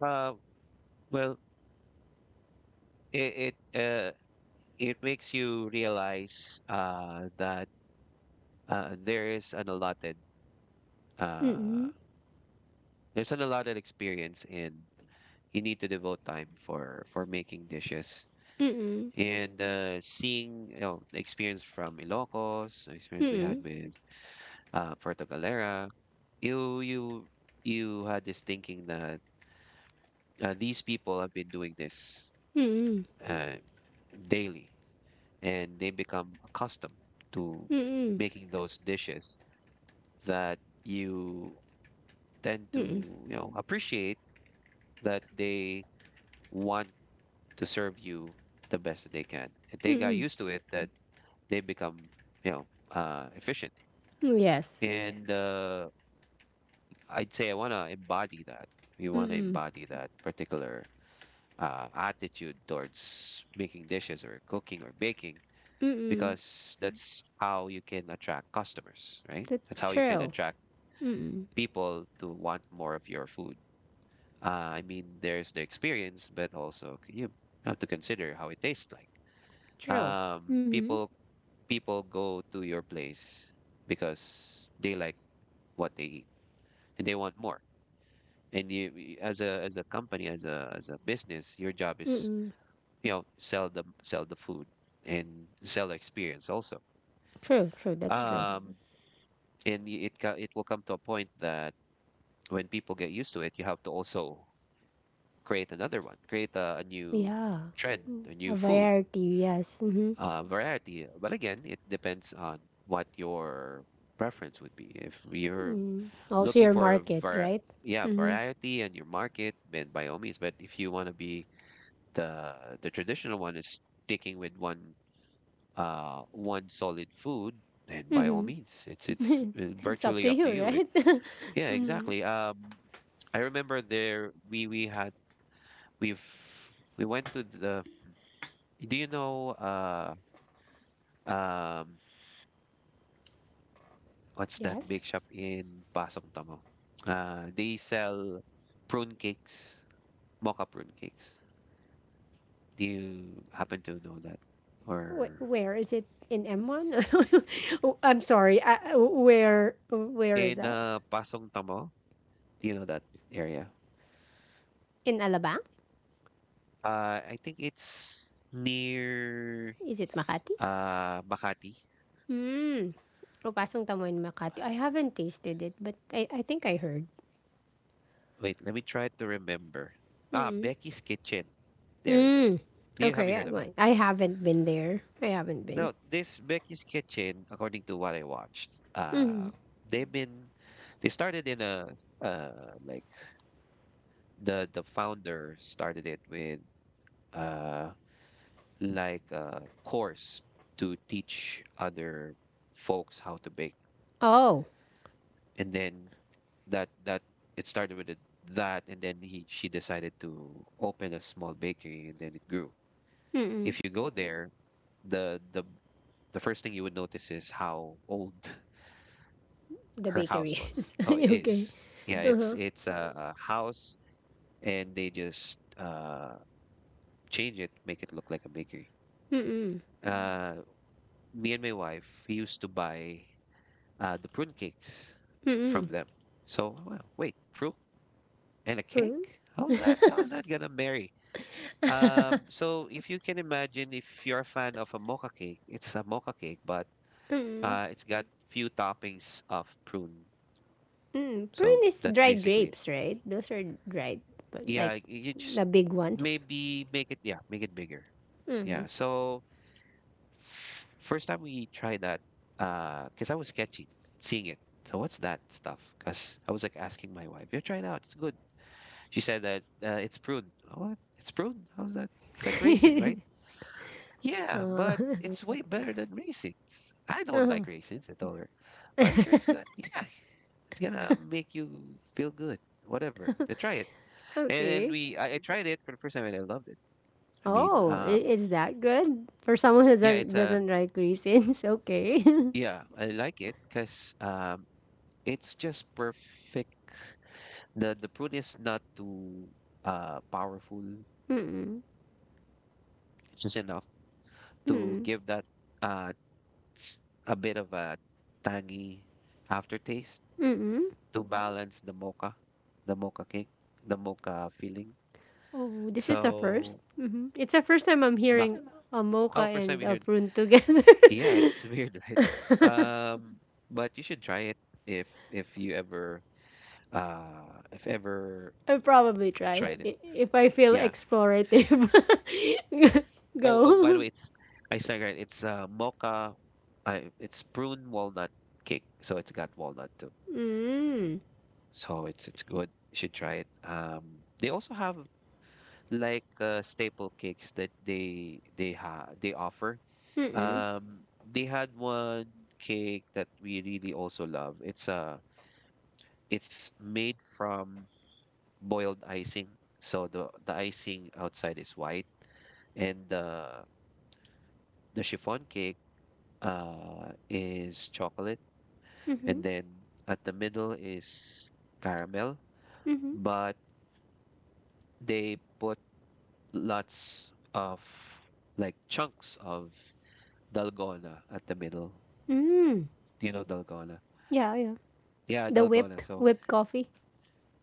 Uh, well, it it, uh, it makes you realize, that, uh, there is an allotted uh,
Mm-mm,
there's an allotted experience, and you need to devote time for making dishes.
mm-mm,
And seeing, the experience from Ilocos, the experience we had
mm-mm,
with Puerto Galera, you you had this thinking that these people have been doing this
mm-mm,
uh, daily, and they become accustomed to
mm-mm,
making those dishes that you tend
mm-mm,
to appreciate that they want to serve you the best that they can. And they got
mm-mm.
used to it that they become efficient.
Yes.
And I'd say I want to embody that. We want to embody that particular attitude towards making dishes or cooking or baking
Mm-mm.
because that's how you can attract customers, right?
That's
That's how you can
true.
attract
Mm-mm.
people to want more of your food. I mean, there's the experience, but also you have to consider how it tastes like.
True.
Um,
Mm-hmm.
people people go to your place because they like what they eat and they want more. And you as a company, as a business, your job is
Mm-mm.
sell the food and sell the experience also,
True, true. That's true.
um and it will come to a point that when people get used to it you have to also create another one create a new
Yeah.
trend, a new
A
food
variety, yes. Mm-hmm.
variety. But again, it depends on what your preference would be. If you're
Also
looking
your
for
market, right?
yeah,
Mm-hmm.
variety and your market, then by all means. But if you want to be the the traditional one is sticking with one one solid food, then by all means, it's
It's up
virtually
to
up to
you,
you.
right?
Yeah, exactly. I remember there we had we've we went to the. Do you know um what's that big
Yes.
shop in Pasong Tamo? They sell prune cakes, mocha prune cakes. Do you happen to know that?
Wh-
Or
where is it in M1? Oh, I'm sorry. I- where is
in
that?
Pasong Tamo? Do you know that area?
In Alabang?
I think it's near.
Is it Makati?
Makati.
Mm. Oh, Pasong Tamo in Makati. I haven't tasted it, but I think I heard.
Wait, let me try to remember. Ah, Becky's Kitchen. There we go.
Mm.
Do you have
Okay,
you
I,
heard of
wa-
that?
I haven't been there. I haven't been.
No, this Becky's Kitchen, according to what I watched,
Mm.
they've been they started in a like the founder started it with uh like a course to teach other folks how to bake,
Oh.
and then that that it started with it, that and then he she decided to open a small bakery and then it grew.
Mm-mm.
If you go there, the the the first thing you would notice is how old
The
her house
bakery.
was. Oh, it is.
Okay.
Yeah, it's
Uh-huh.
a house and they just change it, make it look like a bakery.
Mm-mm.
Uh, me and my wife we used to buy the prune cakes
Mm-mm.
from them. So, wow, wait, prune and a cake?
Prune?
How's that? How's that gonna marry? So if you can imagine, if you're a fan of a mocha cake, it's a mocha cake, but
Mm.
it's got few toppings of prune.
Mm.
So
Prune is
that's
dried
basically it.
grapes, right? Those are dried, but
Yeah,
like
you just
the big ones.
maybe make it, yeah, make it bigger. Yeah.
Mm.
So first time we tried that, because I was sketchy seeing it. So what's that stuff? Because I was like asking my wife, "You try it out. It's good." She said that it's prune. Oh, what? It's prune? How's that? It's like raisin, right? Yeah,
Uh,
but it's way better than raisins. I don't like raisins, I told her. But I'm sure it's gonna, yeah, it's gonna make you feel good. Whatever. They try it. And, and
okay.
we, I, I tried it for the first time and I loved it. I mean,
Oh, I- is that good? For someone who
yeah,
doesn't like raisins, okay.
yeah, I like it because it's just perfect. The prune is not too powerful.
Mm-mm.
It's just enough to
Mm-mm.
give that uh a bit of a tangy aftertaste
Mm-mm.
to balance the mocha cake, the mocha filling.
Oh, this is a 1st
So,
Mm-hmm. It's the first time I'm
bak-
hearing a mocha
oh, first time
and
we
a
heard.
prune together.
Yeah, it's weird, right? Um, but you should try it if you ever if ever
I'll probably try
tried it.
I- if I feel
Yeah.
explorative.
Oh, oh, by the
Go.
way, it's I said right. It's mocha. I it's prune walnut cake, so it's got walnut too.
Mm.
So it's good. You should try it. They also have like staple cakes that they offer.
Mm-mm.
They had one cake that we really also love. It's made from boiled icing. So the icing outside is white and the chiffon cake is chocolate,
Mm-hmm.
and then at the middle is caramel,
Mm-hmm.
but they put lots of like chunks of dalgona at the middle.
Mm.
Do you know dalgona.
Yeah, yeah.
Yeah,
The
dalgona.
whipped
So
whipped coffee.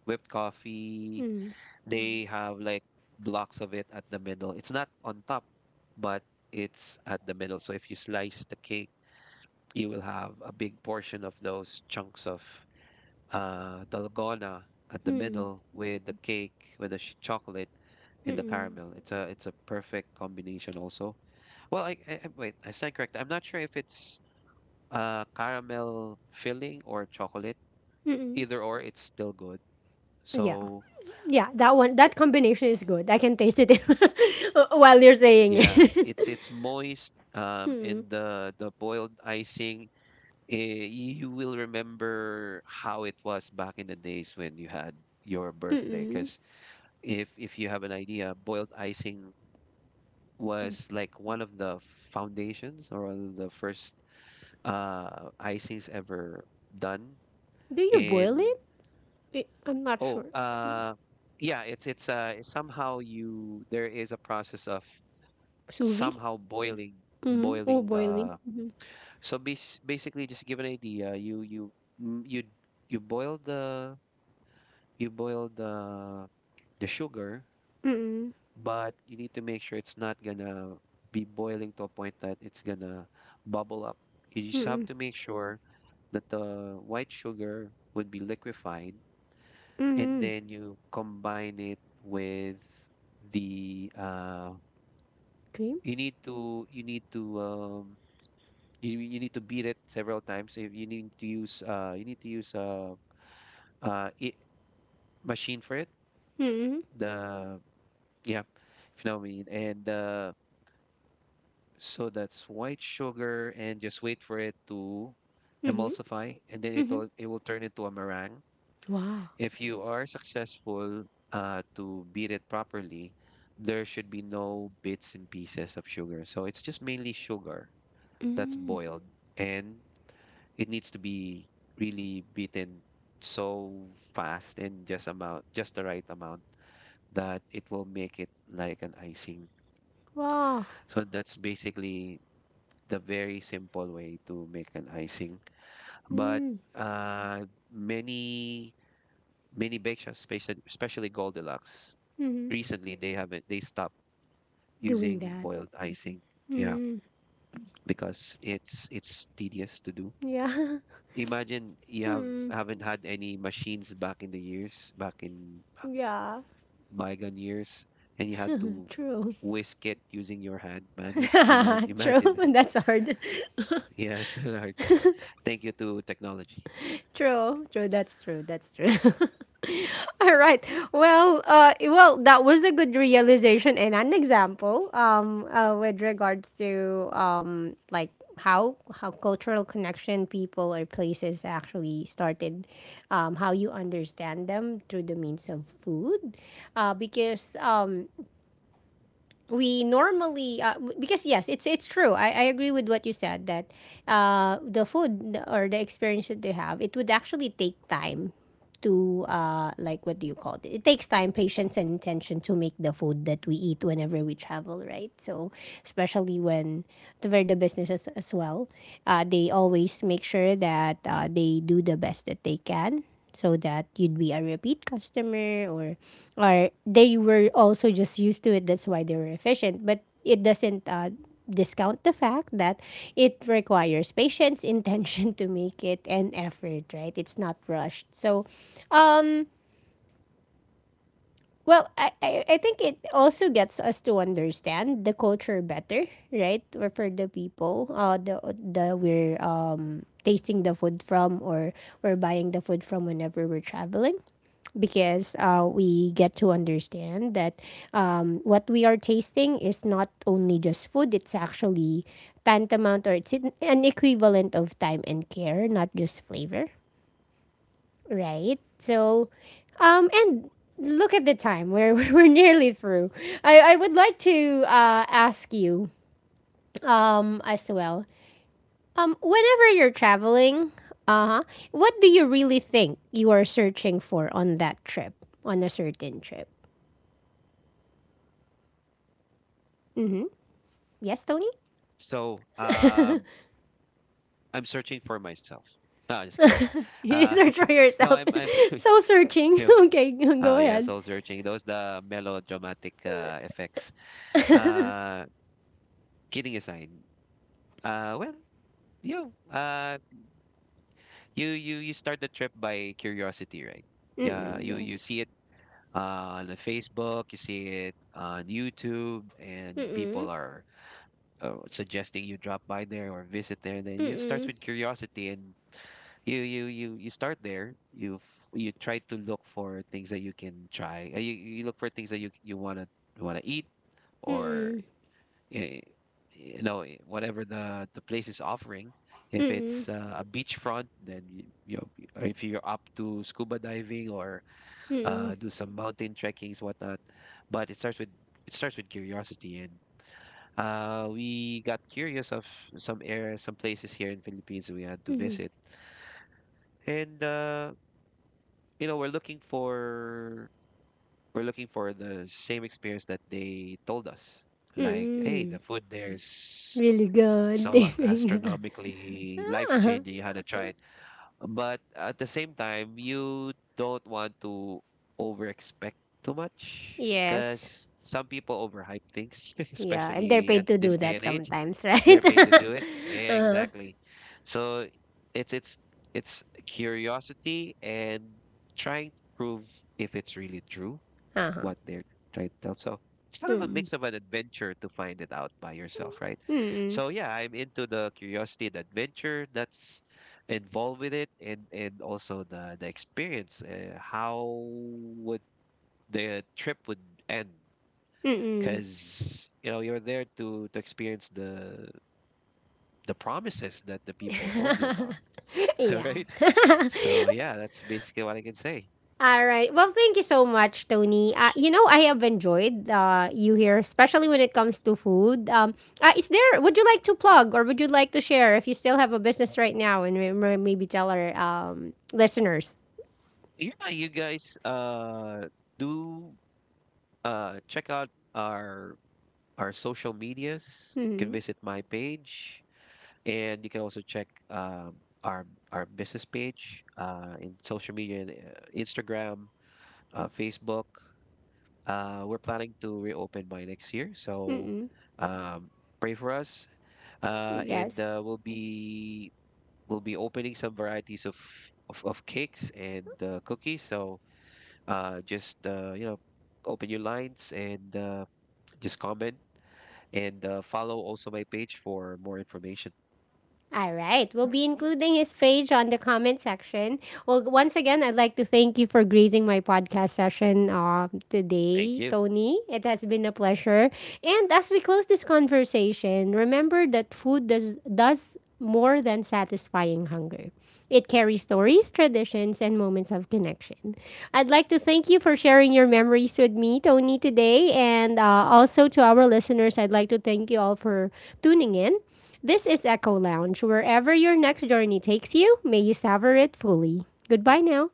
whipped coffee.
Mm.
They have like blocks of it at the middle. It's not on top, but it's at the middle. So if you slice the cake, you will have a big portion of those chunks of dalgona at the
Mm.
middle with the cake, with the chocolate and the
Mm-mm.
caramel. It's a perfect combination also. Well, wait, I stand correct. I'm not sure if it's caramel filling or chocolate.
Mm-mm.
Either or, it's still good.
Yeah.
So
Yeah, that one that combination is good. I can taste it while you're saying
yeah,
it.
it's moist.
Mm.
And the boiled icing, eh, you will remember how it was back in the days when you had your birthday.
Mm-mm.
Because if you have an idea, boiled icing was like one of the foundations or one of the first icings ever done.
Do you boil
And
it? Wait, I'm not sure.
oh, yeah, it's somehow you there is a process of
Sous vide?
somehow boiling
Mm-hmm. Oh,
boiling
boiling.
the
Mm-hmm.
So basically, just to give an idea, mm, you you boil the you boil the the sugar,
Mm-mm.
but you need to make sure it's not gonna be boiling to a point that it's gonna bubble up. You just have
Mm-mm.
to make sure that the white sugar would be liquefied, and
Mm-hmm.
then you combine it with the
Cream?
you need to you need to you you need to beat it several times. If you need to use you need to use I machine for it.
Mm-hmm.
The yeah, if you know what I mean. And so that's white sugar, and just wait for it to
Mm-hmm.
emulsify, and then
Mm-hmm.
it will turn into a meringue.
Wow.
If you are successful to beat it properly, there should be no bits and pieces of sugar. So it's just mainly sugar that's
Mm.
boiled, and it needs to be really beaten so fast and just the right amount that it will make it like an icing.
Wow.
So that's basically the very simple way to make an icing. But
Mm.
uh, many many bake shops, especially especially Goldilocks,
Mm-hmm.
recently they haven't they stopped
Doing
using
that.
boiled icing. Yeah,
Mm.
because it's tedious to do.
Yeah.
Imagine you have
Mm.
haven't had any machines back in the years, back in
Yeah.
bygone years, and you had to
True.
whisk it using your hand manually.
True.
Imagine.
That's hard.
Yeah, it's an art. Thank you to technology.
True. True. That's true. That's true. All right. Well, well, that was a good realization and an example. With regards to like how cultural connection people or places actually started, how you understand them through the means of food, because we normally, because yes it's true I agree with what you said that the food or the experience that they have it would actually take time to, like what do you call it, it takes time patience and intention to make the food that we eat whenever we travel right so especially when to where the businesses as well, they always make sure that they do the best that they can so that you'd be a repeat customer or they were also just used to it that's why they were efficient but it doesn't, discount the fact that it requires patience intention to make it and effort right it's not rushed so. Well, I think it also gets us to understand the culture better, right? Or for the people, the we're, tasting the food from or we're buying the food from whenever we're traveling. Because we get to understand that what we are tasting is not only just food, it's actually tantamount or it's an equivalent of time and care, not just flavor right? So, and look at the time. We're we're nearly through. I would like to ask you as well. Whenever you're traveling, uh huh, what do you really think you are searching for on that trip, on a certain trip? Yes, Tony.
So, I'm searching for myself. No, just kidding.
You
Uh,
search for
no,
yourself.
I'm, I,
Soul searching.
you
Okay,
oh
go
yeah,
ahead.
soul searching. Those the melodramatic effects. Uh, kidding aside, well, you uh, you start the trip by curiosity, right? Yeah,
Mm-mm,
you
yes.
see it on the Facebook, you see it on YouTube, and
Mm-mm.
people are suggesting you drop by there or visit there. Then you start
Mm-mm.
with curiosity and you start there you try to look for things that you can try, you look for things that you want to eat or
Mm-mm.
eh, whatever the place is offering. If it's
Mm-mm.
a beachfront then or if you're up to scuba diving or
Mm-mm.
do some mountain trekkings whatnot, but it starts with curiosity. And we got curious of some places here in Philippines we had to
Mm-mm.
visit, and you know, we're looking for the same experience that they told us. Like, hey, the
Mm-mm.
food there is
Really good.
so
They sing that.
gastronomically life
Uh-huh.
changing. You had to try it, but at the same time, you don't want to over expect too much because
Yes.
some people overhype things,
Yeah, and they're
especially at
paid to
this
do
day and
that
age.
sometimes, right?
They're paid to do it. Yeah, exactly. So it's it's it's curiosity and trying to prove if it's really true
Uh-huh.
what they're trying to tell. So it's kind of a
Mm-mm.
mix of an adventure to find it out by yourself, right?
Mm-mm.
So yeah, I'm into the curiosity, the adventure that's involved with it, and also the experience. How would the trip would end?
Mm-mm.
Because you know you're there to experience the promises that the people told you about. All
Yeah.
right. So yeah, that's basically what I can say.
All right. Well, thank you so much, Tony. You know, I have enjoyed you here, especially when it comes to food. Is there? Would you like to plug, or would you like to share if you still have a business right now, and maybe tell our listeners?
Yeah, you guys do check out our our social medias. You can
Mm-hmm.
visit my page and you can also check our our business page in social media and, Instagram, Facebook. We're planning to reopen by next year. So
Mm-mm.
um pray for us, and
Yes.
we'll be opening some varieties of of cakes and, cookies. So just you know, open your lines and, just comment and, follow also my page for more information.
All right. We'll be including his page on the comment section. Well, once again, I'd like to thank you for gracing my podcast session
Thank
today,
you.
Tony. It has been a pleasure. And as we close this conversation, remember that food does more than satisfying hunger. It carries stories, traditions, and moments of connection. I'd like to thank you for sharing your memories with me, Tony, today. And also to our listeners, I'd like to thank you all for tuning in. This is Echo Lounge. Wherever your next journey takes you, may you savor it fully. Goodbye now.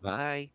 Bye.